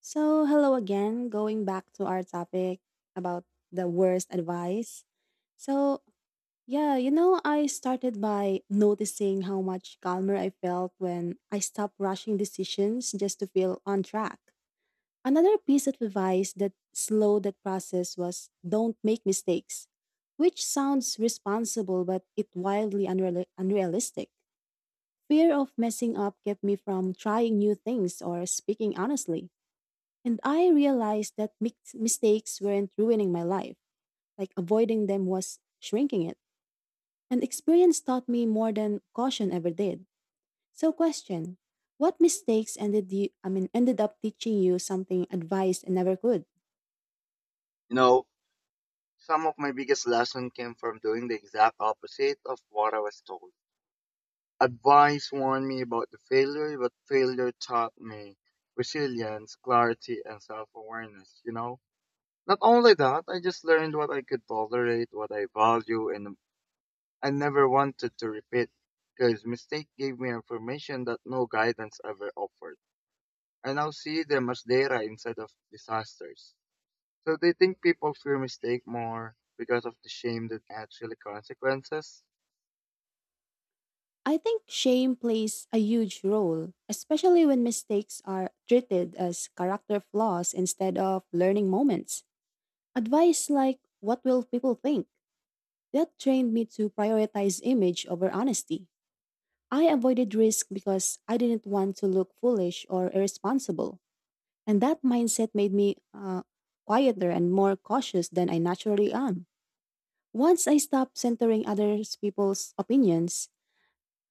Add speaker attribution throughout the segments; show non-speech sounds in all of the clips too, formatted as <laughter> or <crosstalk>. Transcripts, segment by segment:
Speaker 1: So, hello again. Going back to our topic about the worst advice. So, I started by noticing how much calmer I felt when I stopped rushing decisions just to feel on track. Another piece of advice that slowed that process was don't make mistakes, which sounds responsible, but it wildly unrealistic. Fear of messing up kept me from trying new things or speaking honestly. And I realized that mistakes weren't ruining my life, like avoiding them was shrinking it. And experience taught me more than caution ever did. So question, what mistakes ended up teaching you something advice and never could?
Speaker 2: You know, some of my biggest lesson came from doing the exact opposite of what I was told. Advice warned me about the failure, but failure taught me resilience, clarity, and self-awareness, you know? Not only that, I just learned what I could tolerate, what I value, and I never wanted to repeat because mistake gave me information that no guidance ever offered. I now see them as data instead of disasters. So do you think people fear mistake more because of the shame than actually consequences?
Speaker 1: I think shame plays a huge role, especially when mistakes are treated as character flaws instead of learning moments. Advice like what will people think? That trained me to prioritize image over honesty. I avoided risk because I didn't want to look foolish or irresponsible. And that mindset made me quieter and more cautious than I naturally am. Once I stopped centering other people's opinions,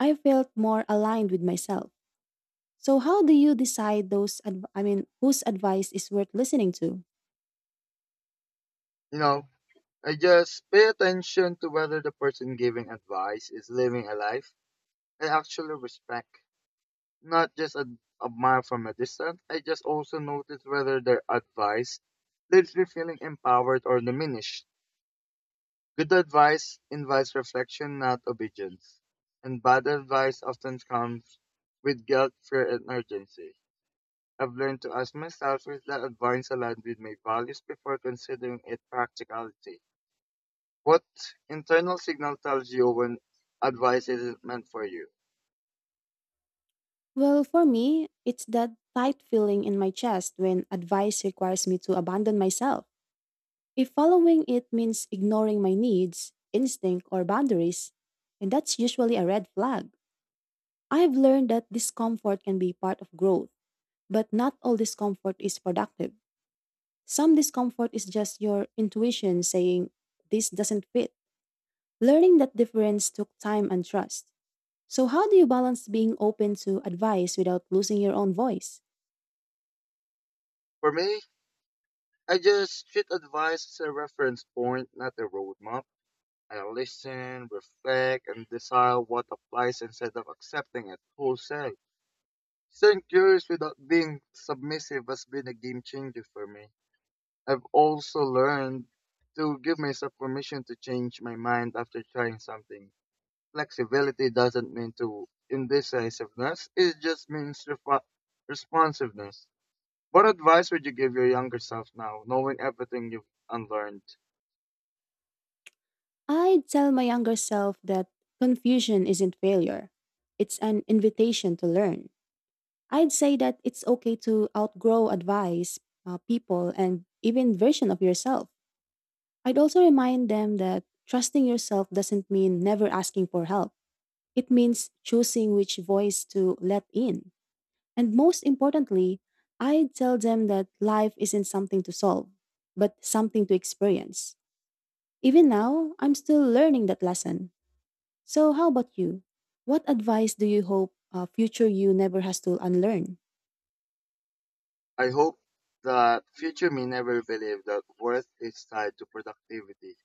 Speaker 1: I felt more aligned with myself. So, how do you decide those, whose advice is worth listening to?
Speaker 2: You know, I just pay attention to whether the person giving advice is living a life I actually respect, not just admire from a distance. I just also notice whether their advice leaves me feeling empowered or diminished. Good advice invites reflection, not obedience, and bad advice often comes with guilt, fear, and urgency. I've learned to ask myself if that advice aligned with my values before considering its practicality. What internal signal tells you when advice isn't meant for you?
Speaker 1: Well, for me, it's that tight feeling in my chest when advice requires me to abandon myself. If following it means ignoring my needs, instinct, or boundaries, and that's usually a red flag. I've learned that discomfort can be part of growth, but not all discomfort is productive. Some discomfort is just your intuition saying, this doesn't fit. Learning that difference took time and trust. So, how do you balance being open to advice without losing your own voice?
Speaker 2: For me, I just treat advice as a reference point, not a roadmap. I listen, reflect, and decide what applies instead of accepting it wholesale. Staying curious without being submissive has been a game changer for me. I've also learned to give myself permission to change my mind after trying something. Flexibility doesn't mean to indecisiveness, it just means responsiveness. What advice would you give your younger self now, knowing everything you've unlearned?
Speaker 1: I'd tell my younger self that confusion isn't failure, it's an invitation to learn. I'd say that it's okay to outgrow advice, people, and even version of yourself. I'd also remind them that trusting yourself doesn't mean never asking for help. It means choosing which voice to let in. And most importantly, I'd tell them that life isn't something to solve, but something to experience. Even now, I'm still learning that lesson. So, how about you? What advice do you hope future you never has to unlearn?
Speaker 2: I hope that future me never believed that worth is tied to productivity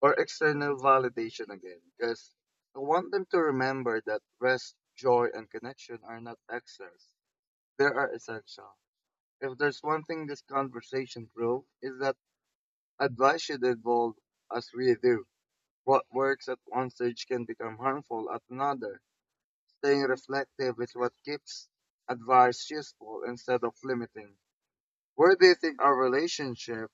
Speaker 2: or external validation again, because I want them to remember that rest, joy, and connection are not excess. They are essential. If there's one thing this conversation proved, is that advice should evolve as we do. What works at one stage can become harmful at another. Staying reflective is what keeps advice useful instead of limiting. Where do you think our relationship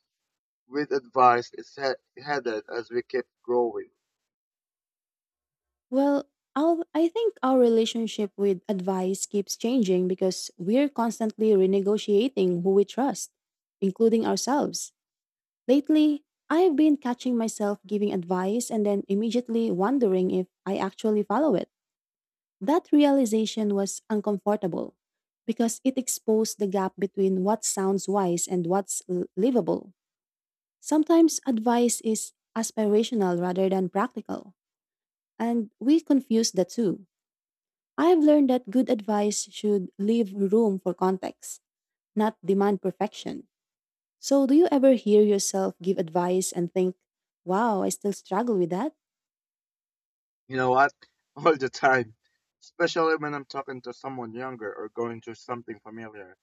Speaker 2: with advice is headed as we keep growing?
Speaker 1: Well, I think our relationship with advice keeps changing because we're constantly renegotiating who we trust, including ourselves. Lately, I've been catching myself giving advice and then immediately wondering if I actually follow it. That realization was uncomfortable because it exposed the gap between what sounds wise and livable. Sometimes advice is aspirational rather than practical, and we confuse the two. I've learned that good advice should leave room for context, not demand perfection. So, do you ever hear yourself give advice and think, wow, I still struggle with that?
Speaker 2: You know what? <laughs> All the time. Especially when I'm talking to someone younger or going through something familiar.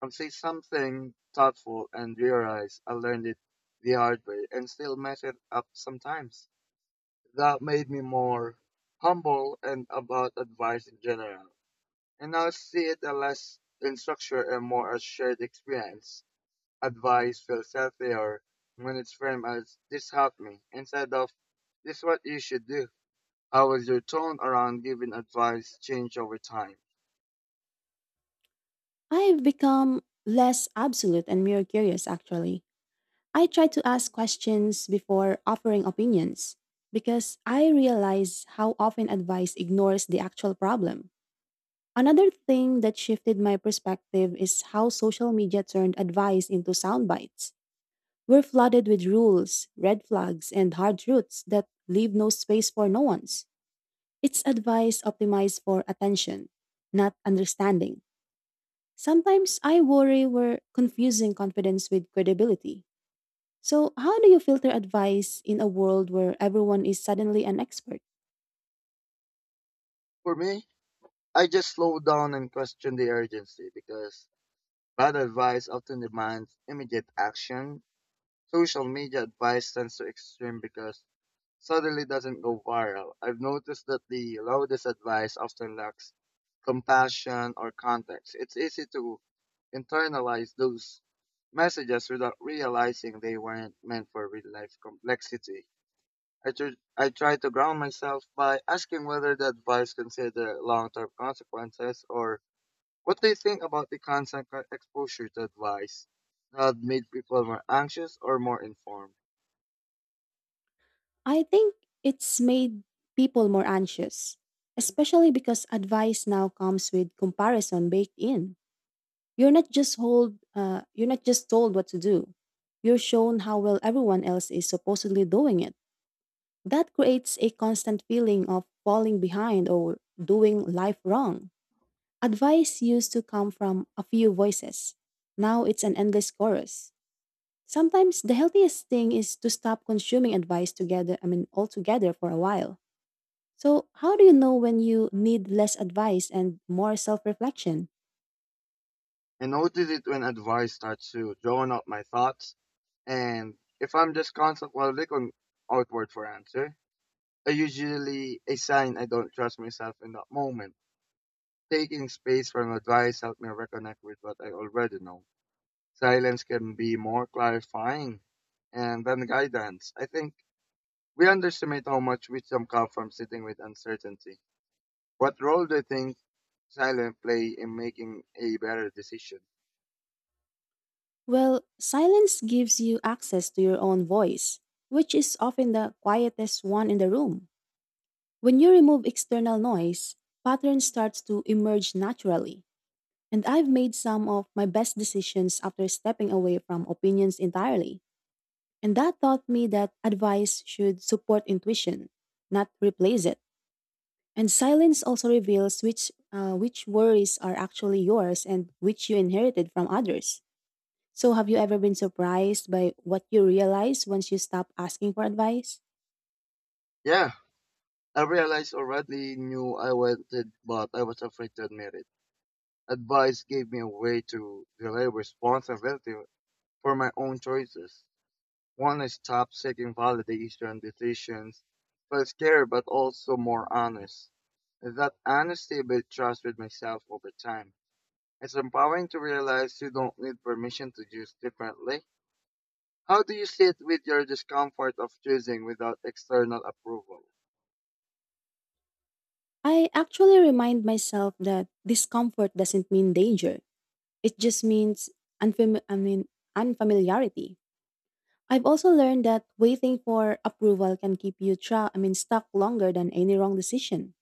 Speaker 2: I'll say something thoughtful and realize I learned it the hard way and still mess it up sometimes. That made me more humble and about advice in general. And now I see it as less in structure and more as shared experience. Advice feels healthier when it's framed as this helped me instead of this is what you should do. How has your tone around giving advice change over time?
Speaker 1: I've become less absolute and more curious, actually. I try to ask questions before offering opinions because I realize how often advice ignores the actual problem. Another thing that shifted my perspective is how social media turned advice into sound bites. We're flooded with rules, red flags, and hard truths that leave no space for nuance. It's advice optimized for attention, not understanding. Sometimes I worry we're confusing confidence with credibility. So, how do you filter advice in a world where everyone is suddenly an expert?
Speaker 2: For me, I just slow down and question the urgency because bad advice often demands immediate action. Social media advice tends to extreme because suddenly doesn't go viral. I've noticed that the loudest advice often lacks compassion or context. It's easy to internalize those messages without realizing they weren't meant for real life complexity. I try to ground myself by asking whether the advice consider long term consequences or what do you think about the constant exposure to advice that made people more anxious or more informed?
Speaker 1: I think it's made people more anxious, especially because advice now comes with comparison baked in. You're not just told what to do. You're shown how well everyone else is supposedly doing it. That creates a constant feeling of falling behind or doing life wrong. Advice used to come from a few voices. Now it's an endless chorus. Sometimes the healthiest thing is to stop consuming advice altogether for a while. So, how do you know when you need less advice and more self reflection?
Speaker 2: I notice it when advice starts to drown out my thoughts, and if I'm just constant while looking outward for answer, I usually a sign I don't trust myself in that moment. Taking space from advice helped me reconnect with what I already know. Silence can be more clarifying and then guidance. I think we underestimate how much wisdom comes from sitting with uncertainty. What role do you think silence play in making a better decision?
Speaker 1: Well, silence gives you access to your own voice, which is often the quietest one in the room. When you remove external noise, patterns start to emerge naturally. And I've made some of my best decisions after stepping away from opinions entirely. And that taught me that advice should support intuition, not replace it. And silence also reveals which worries are actually yours and which you inherited from others. So, have you ever been surprised by what you realize once you stop asking for advice?
Speaker 2: Yeah, I realized already knew I wanted, but I was afraid to admit it. Advice gave me a way to delay responsibility for my own choices. One, I stopped seeking validation decisions, felt scared but also more honest. That honesty built trust with myself over time. It's empowering to realize you don't need permission to choose differently. How do you sit with your discomfort of choosing without external approval?
Speaker 1: I actually remind myself that discomfort doesn't mean danger. It just means unfam- I mean unfamiliarity. I've also learned that waiting for approval can keep you stuck longer than any wrong decision.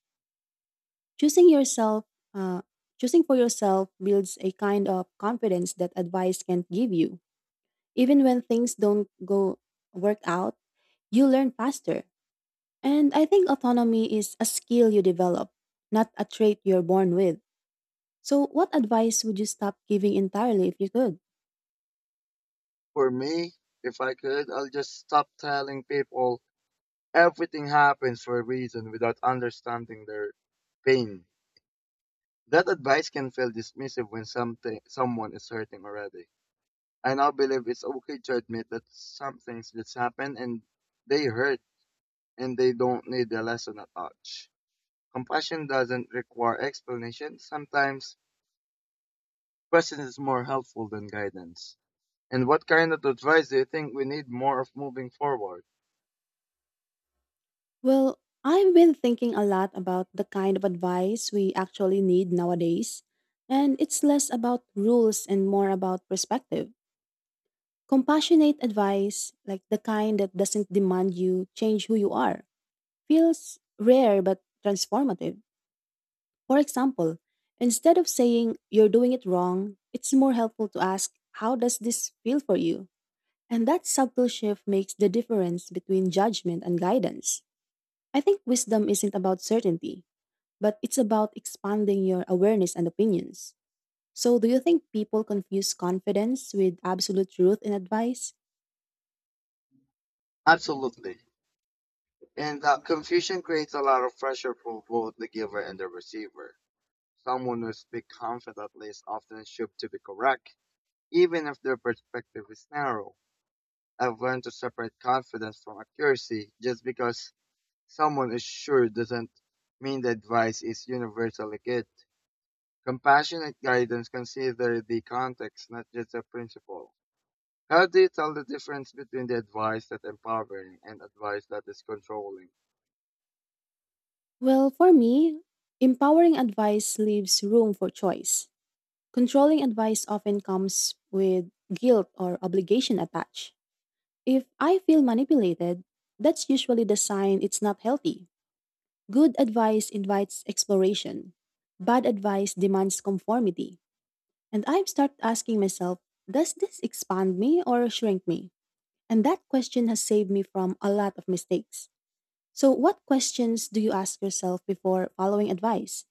Speaker 1: Choosing yourself, uh, Choosing for yourself builds a kind of confidence that advice can't give you. Even when things don't go work out, you learn faster. And I think autonomy is a skill you develop, not a trait you're born with. So, what advice would you stop giving entirely if you could?
Speaker 2: For me, if I could, I'll just stop telling people everything happens for a reason without understanding their pain. That advice can feel dismissive when something someone is hurting already. I now believe it's okay to admit that some things just happen and they hurt and they don't need a lesson attached. Compassion doesn't require explanation. Sometimes presence is more helpful than guidance. And what kind of advice do you think we need more of moving forward?
Speaker 1: Well, I've been thinking a lot about the kind of advice we actually need nowadays, and it's less about rules and more about perspective. Compassionate advice, like the kind that doesn't demand you change who you are, feels rare but transformative. For example, instead of saying you're doing it wrong, it's more helpful to ask, how does this feel for you? And that subtle shift makes the difference between judgment and guidance. I think wisdom isn't about certainty, but it's about expanding your awareness and opinions. So, do you think people confuse confidence with absolute truth in advice?
Speaker 2: Absolutely. And that confusion creates a lot of pressure for both the giver and the receiver. Someone who speaks confidently is often assumed to be correct, even if their perspective is narrow. I've learned to separate confidence from accuracy. Just because someone is sure doesn't mean the advice is universally good. Compassionate guidance considers the context, not just the principle. How do you tell the difference between the advice that empowering and advice that is controlling?
Speaker 1: Well, for me, empowering advice leaves room for choice. Controlling advice often comes with guilt or obligation attached. If I feel manipulated, that's usually the sign it's not healthy. Good advice invites exploration. Bad advice demands conformity. And I've started asking myself, does this expand me or shrink me? And that question has saved me from a lot of mistakes. So, what questions do you ask yourself before following advice?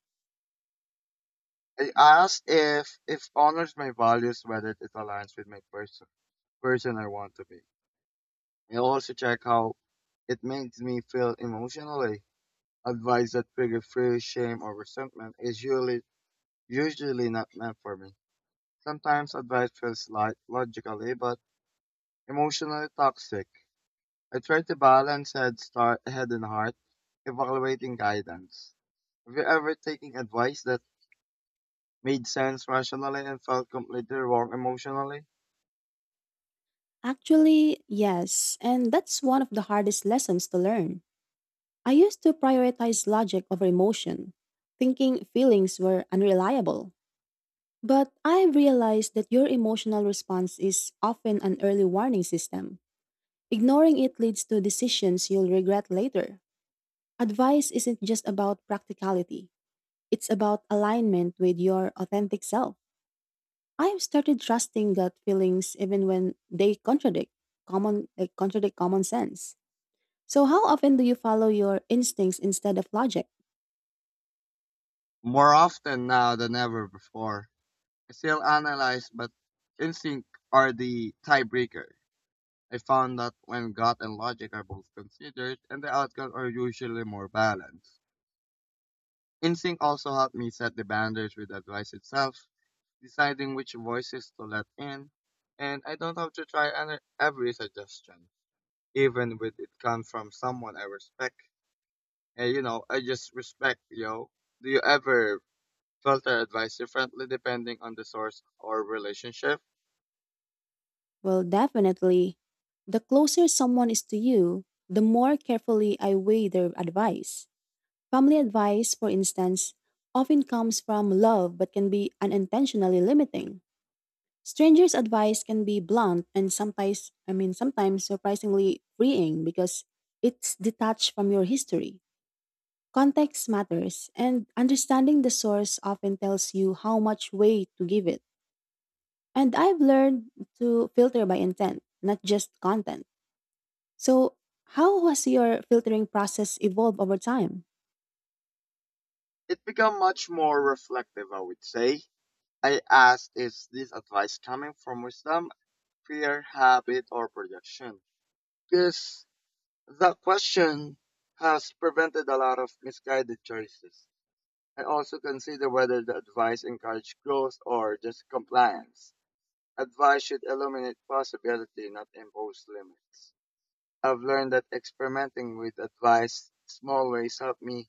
Speaker 2: I asked if honors my values, whether it aligns with my person I want to be. I also check how it makes me feel emotionally. Advice that trigger fear, shame, or resentment is usually not meant for me. Sometimes advice feels like logically but emotionally toxic. I try to balance head and heart, evaluating guidance. Have you ever taken advice that made sense rationally and felt completely wrong emotionally?
Speaker 1: Actually, yes. And that's one of the hardest lessons to learn. I used to prioritize logic over emotion, thinking feelings were unreliable. But I realize that your emotional response is often an early warning system. Ignoring it leads to decisions you'll regret later. Advice isn't just about practicality, it's about alignment with your authentic self. I've started trusting gut feelings even when they contradict common sense. So how often do you follow your instincts instead of logic?
Speaker 2: More often now than ever before. I still analyze, but instinct are the tiebreaker. I found that when gut and logic are both considered, and the outcomes are usually more balanced. Instinct also helped me set the boundaries with advice itself. Deciding which voices to let in, and I don't have to try every suggestion, even with it comes from someone I respect. And I just respect, yo. Do you ever filter advice differently depending on the source or relationship?
Speaker 1: Well, definitely the closer someone is to you, the more carefully I weigh their advice. Family advice, for instance, often comes from love but can be unintentionally limiting. Strangers' advice can be blunt and sometimes surprisingly freeing because it's detached from your history. Context matters, and understanding the source often tells you how much weight to give it. And I've learned to filter by intent, not just content. So, how has your filtering process evolved over time?
Speaker 2: It become much more reflective, I would say. I ask, is this advice coming from wisdom, fear, habit, or projection? Because that question has prevented a lot of misguided choices. And also consider whether the advice encourage growth or just compliance. Advice should illuminate possibility, not impose limits. I've learned that experimenting with advice small ways help me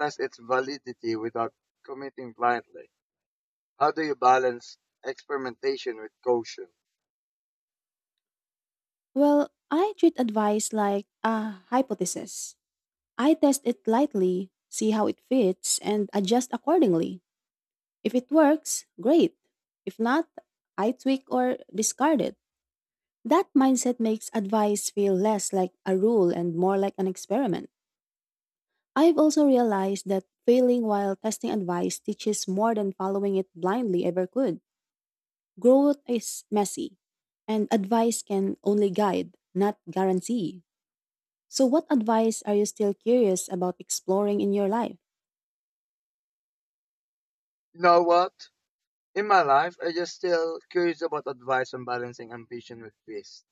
Speaker 2: test its validity without committing blindly. How do you balance experimentation with caution?
Speaker 1: Well, I treat advice like a hypothesis. I test it lightly, see how it fits, and adjust accordingly. If it works, great. If not, I tweak or discard it. That mindset makes advice feel less like a rule and more like an experiment. I've also realized that failing while testing advice teaches more than following it blindly ever could. Growth is messy, and advice can only guide, not guarantee. So, what advice are you still curious about exploring in your life?
Speaker 2: You know what? In my life, I just still curious about advice on balancing ambition with peace.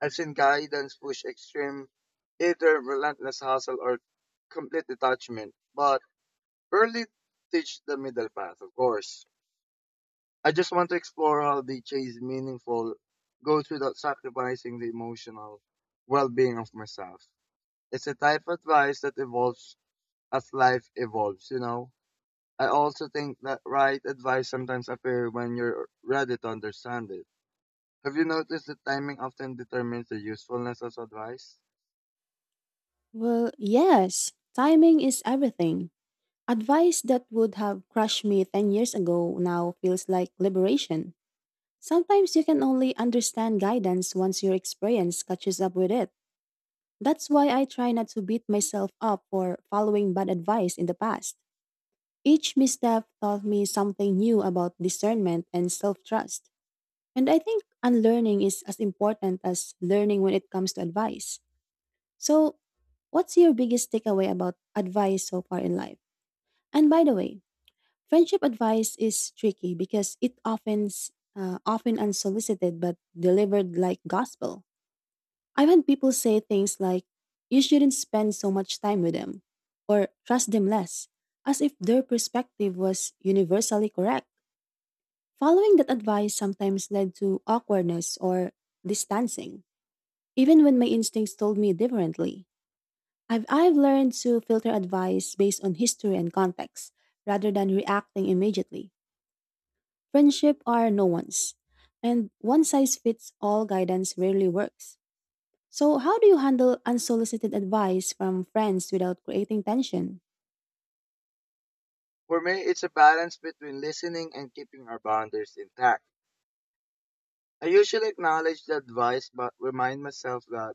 Speaker 2: I've seen guidance push extreme, either relentless hustle or complete detachment, but rarely teach the middle path, of course. I just want to explore how the chase meaningful goals without sacrificing the emotional well being of myself. It's a type of advice that evolves, as life evolves. I also think that right advice sometimes appears when you're ready to understand it. Have you noticed that timing often determines the usefulness of advice?
Speaker 1: Well, yes, timing is everything. Advice that would have crushed me 10 years ago now feels like liberation. Sometimes you can only understand guidance once your experience catches up with it. That's why I try not to beat myself up for following bad advice in the past. Each misstep taught me something new about discernment and self trust. And I think unlearning is as important as learning when it comes to advice. So, what's your biggest takeaway about advice so far in life? And by the way, friendship advice is tricky because it often unsolicited but delivered like gospel. I've had people say things like you shouldn't spend so much time with them or trust them less as if their perspective was universally correct. Following that advice sometimes led to awkwardness or distancing. Even when my instincts told me differently, I've learned to filter advice based on history and context rather than reacting immediately. Friendship are no one's, and one size fits all guidance rarely works. So, how do you handle unsolicited advice from friends without creating tension?
Speaker 2: For me, it's a balance between listening and keeping our boundaries intact. I usually acknowledge the advice but remind myself that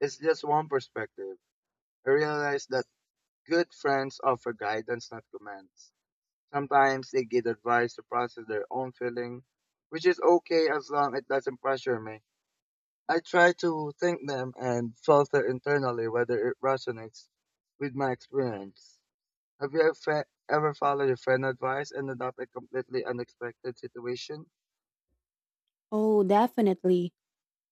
Speaker 2: it's just one perspective. I realize that good friends offer guidance, not commands. Sometimes they give advice to process their own feeling, which is okay as long it doesn't pressure me. I try to think them and filter internally whether it resonates with my experience. Have you ever followed your friend's advice and adopt a completely unexpected situation?
Speaker 1: Oh, definitely.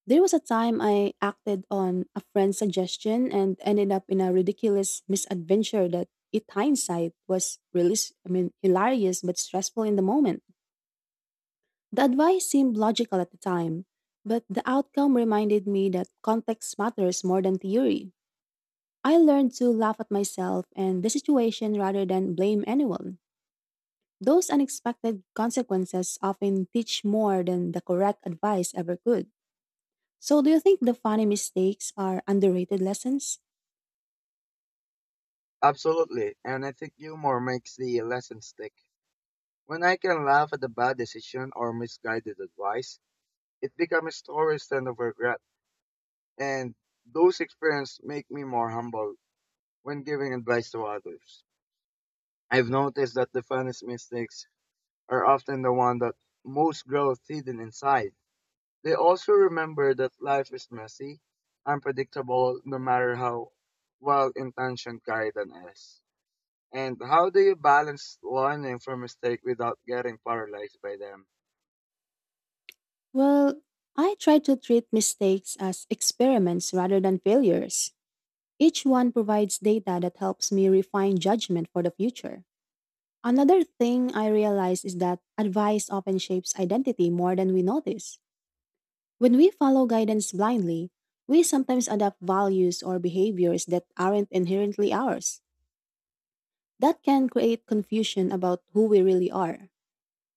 Speaker 1: There was a time I acted on a friend's suggestion and ended up in a ridiculous misadventure that, in hindsight, was really, hilarious but stressful in the moment. The advice seemed logical at the time, but the outcome reminded me that context matters more than theory. I learned to laugh at myself and the situation rather than blame anyone. Those unexpected consequences often teach more than the correct advice ever could. So, do you think the funny mistakes are underrated lessons?
Speaker 2: Absolutely, and I think humor makes the lesson stick. When I can laugh at a bad decision or misguided advice, it becomes a story instead of regret, and those experiences make me more humble when giving advice to others. I've noticed that the funniest mistakes are often the one that most growth hidden inside. They also remember that life is messy, unpredictable no matter how well intentioned guidance is. And how do you balance learning from mistake without getting paralyzed by them?
Speaker 1: Well, I try to treat mistakes as experiments rather than failures. Each one provides data that helps me refine judgment for the future. Another thing I realize is that advice often shapes identity more than we notice. When we follow guidance blindly, we sometimes adopt values or behaviors that aren't inherently ours. That can create confusion about who we really are.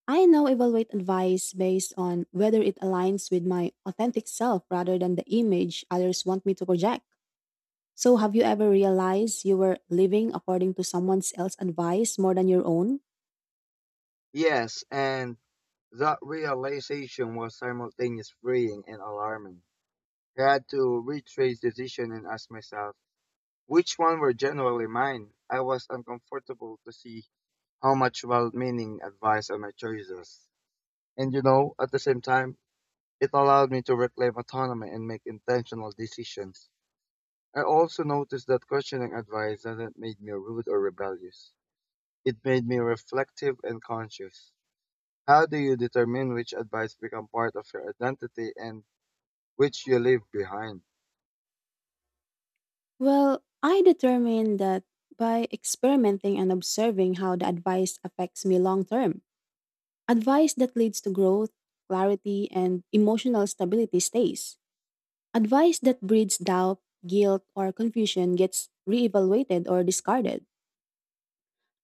Speaker 1: I now evaluate advice based on whether it aligns with my authentic self rather than the image others want me to project. So, have you ever realized you were living according to someone else's advice more than your own?
Speaker 2: Yes, and that realization was simultaneously freeing and alarming. I had to retrace decision and ask myself which one were generally mine. I was uncomfortable to see how much well meaning advice on my choices. And at the same time, it allowed me to reclaim autonomy and make intentional decisions. I also noticed that questioning advice hasn't made me rude or rebellious. It made me reflective and conscious. How do you determine which advice become part of your identity and which you leave behind?
Speaker 1: Well, I determined that by experimenting and observing how the advice affects me long term. Advice that leads to growth, clarity, and emotional stability stays. Advice that breeds doubt, guilt, or confusion gets reevaluated or discarded.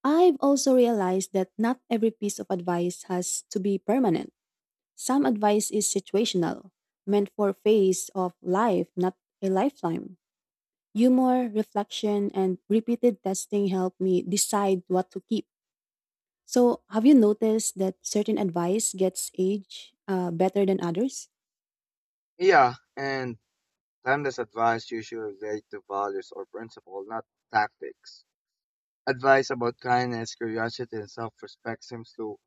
Speaker 1: I've also realized that not every piece of advice has to be permanent. Some advice is situational, meant for a phase of life, not a lifetime. Humor, reflection, and repeated testing help me decide what to keep. So, have you noticed that certain advice gets age better than others?
Speaker 2: Yeah, and timeless advice usually relate to values or principle, not tactics. Advice about kindness, curiosity, and self-respect seems to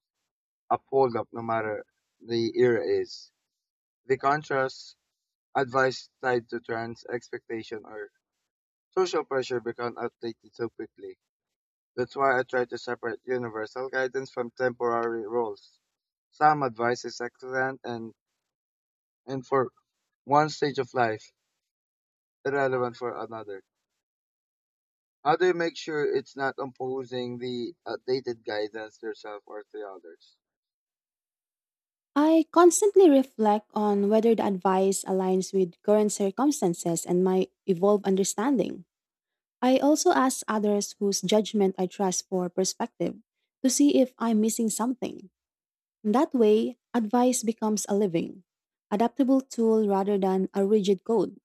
Speaker 2: uphold up no matter the era is. The contrast. Advice tied to trends, expectation, or social pressure become outdated so quickly. That's why I try to separate universal guidance from temporary rules. Some advice is excellent and for one stage of life, irrelevant for another. How do you make sure it's not imposing the outdated guidance yourself or to others?
Speaker 1: I constantly reflect on whether the advice aligns with current circumstances and my evolved understanding. I also ask others whose judgment I trust for perspective to see if I'm missing something. That way, advice becomes a living, adaptable tool rather than a rigid code.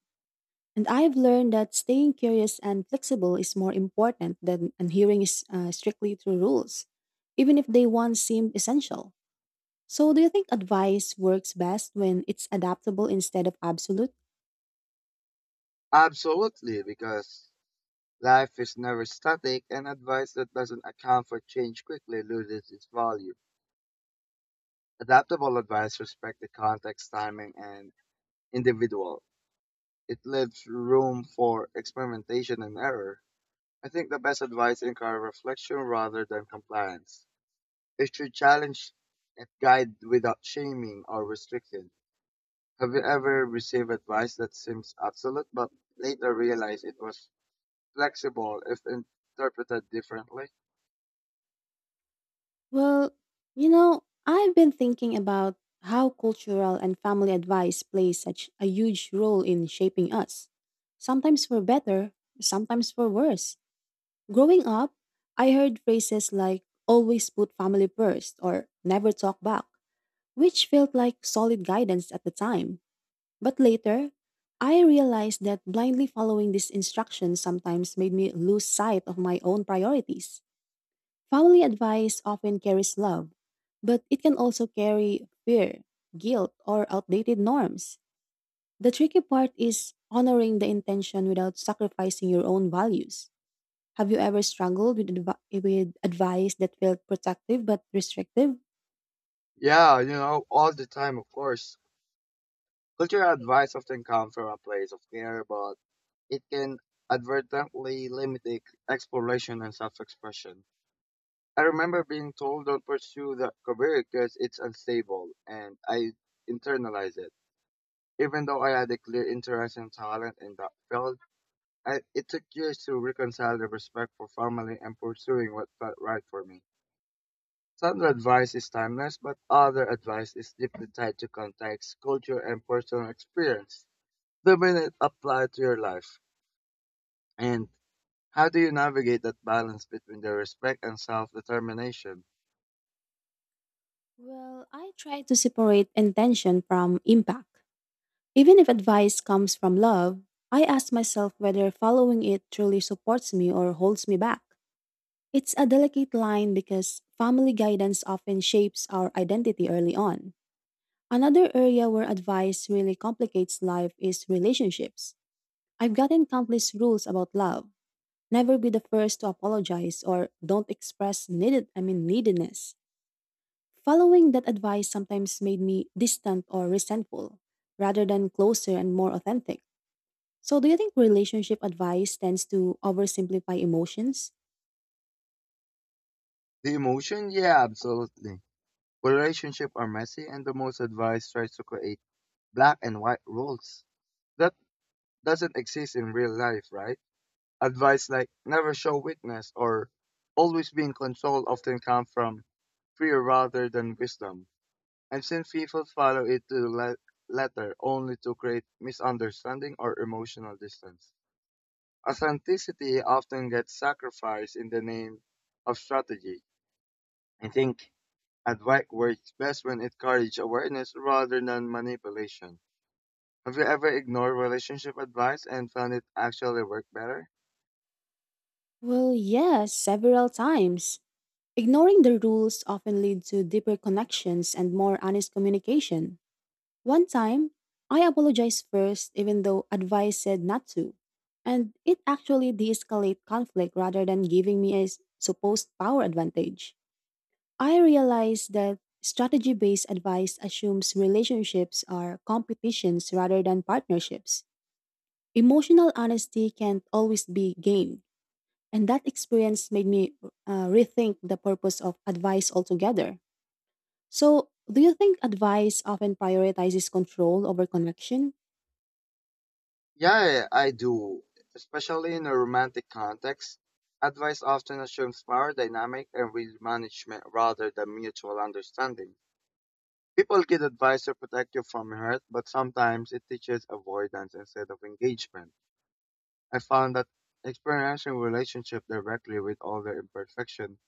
Speaker 1: And I've learned that staying curious and flexible is more important than adhering is, strictly to rules, even if they once seemed essential. So, do you think advice works best when it's adaptable instead of absolute?
Speaker 2: Absolutely, because life is never static and advice that doesn't account for change quickly loses its value. Adaptable advice respects the context, timing, and individual. It leaves room for experimentation and error. I think the best advice encourages reflection rather than compliance. It should challenge and guide without shaming or restriction. Have you ever received advice that seems absolute but later realized it was flexible if interpreted differently?
Speaker 1: Well, I've been thinking about how cultural and family advice plays such a huge role in shaping us. Sometimes for better, sometimes for worse. Growing up, I heard phrases like always put family first or never talk back, which felt like solid guidance at the time. But later, I realized that blindly following these instructions sometimes made me lose sight of my own priorities. Family advice often carries love, but it can also carry fear, guilt, or outdated norms. The tricky part is honoring the intention without sacrificing your own values. Have you ever struggled with advice that felt protective but restrictive?
Speaker 2: Yeah, all the time, of course. Cultural advice often comes from a place of care, but it can advertently limit exploration and self-expression. I remember being told don't pursue that career because it's unstable, and I internalized it. Even though I had a clear interest and talent in that field, it took years to reconcile the respect for family and pursuing what felt right for me. Some advice is timeless, but other advice is deeply tied to context, culture, and personal experience. The minute applied to your life. And how do you navigate that balance between the respect and self-determination?
Speaker 1: Well, I try to separate intention from impact. Even if advice comes from love, I ask myself whether following it truly supports me or holds me back. It's a delicate line because family guidance often shapes our identity early on. Another area where advice really complicates life is relationships. I've gotten countless rules about love. Never be the first to apologize or don't express needed I mean neediness. Following that advice sometimes made me distant or resentful rather than closer and more authentic. So, do you think relationship advice tends to oversimplify emotions?
Speaker 2: The emotion? Yeah, absolutely. Relationships are messy and the most advice tries to create black and white rules. That doesn't exist in real life, right? Advice like never show weakness or always be in control often come from fear rather than wisdom. I've seen people follow it to the letter only to create misunderstanding or emotional distance. Authenticity often gets sacrificed in the name of strategy. I think advice works best when it encourages awareness rather than manipulation. Have you ever ignored relationship advice and found it actually work better?
Speaker 1: Well, yes, several times. Ignoring the rules often lead to deeper connections and more honest communication. One time, I apologized first even though advice said not to, and it actually de-escalate conflict rather than giving me supposed power advantage. I realized that strategy-based advice assumes relationships are competitions rather than partnerships. Emotional honesty can't always be gained, and that experience made me rethink the purpose of advice altogether. So, do you think advice often prioritizes control over connection?
Speaker 2: Yeah, I do. Especially in a romantic context, advice often assumes power dynamic and will management rather than mutual understanding. People get advice to protect you from hurt, but sometimes it teaches avoidance instead of engagement. I found that experiencing relationship directly with all their imperfection,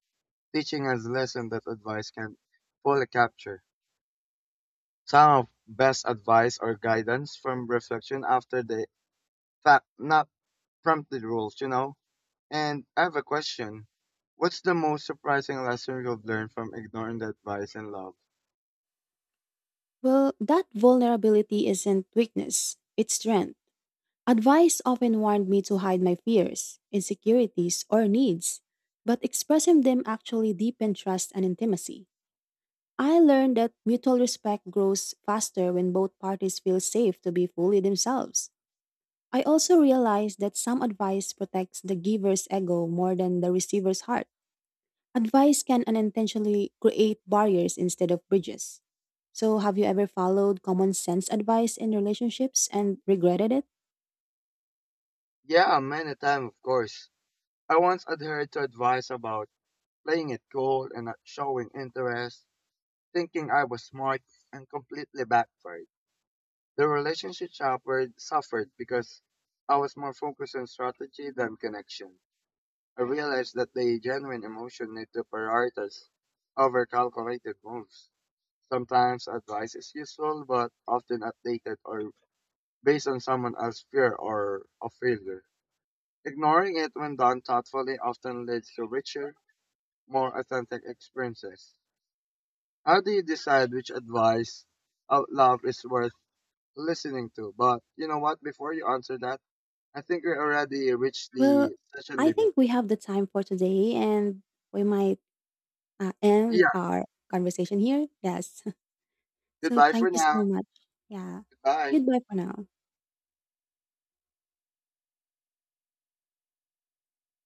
Speaker 2: teaching us lesson that advice can fully capture. Some of best advice or guidance from reflection after the fact, not prompted rules. And I have a question. What's the most surprising lesson you've learned from ignoring the advice and love?
Speaker 1: Well, that vulnerability isn't weakness, it's strength. Advice often warned me to hide my fears, insecurities, or needs, but expressing them actually deepened trust and intimacy. I learned that mutual respect grows faster when both parties feel safe to be fully themselves. I also realized that some advice protects the giver's ego more than the receiver's heart. Advice can unintentionally create barriers instead of bridges. So, have you ever followed common sense advice in relationships and regretted it?
Speaker 2: Yeah, many times, of course. I once adhered to advice about playing it cool and not showing interest, thinking I was smart and completely backfired. The relationship suffered because I was more focused on strategy than connection. I realized that the genuine emotion need to prioritize over calculated moves. Sometimes advice is useful, but often outdated or based on someone else's fear or of failure. Ignoring it when done thoughtfully often leads to richer, more authentic experiences. How do you decide which advice out loud is worth listening to? But you know what? Before you answer that, I think we already reached
Speaker 1: Well,
Speaker 2: the session
Speaker 1: I
Speaker 2: limit.
Speaker 1: think we have the time for today and we might end
Speaker 2: Yeah.
Speaker 1: our conversation here. Yes. <laughs> So,
Speaker 2: Goodbye for
Speaker 1: thank you so
Speaker 2: now.
Speaker 1: much. Yeah.
Speaker 2: Goodbye.
Speaker 1: Goodbye for now.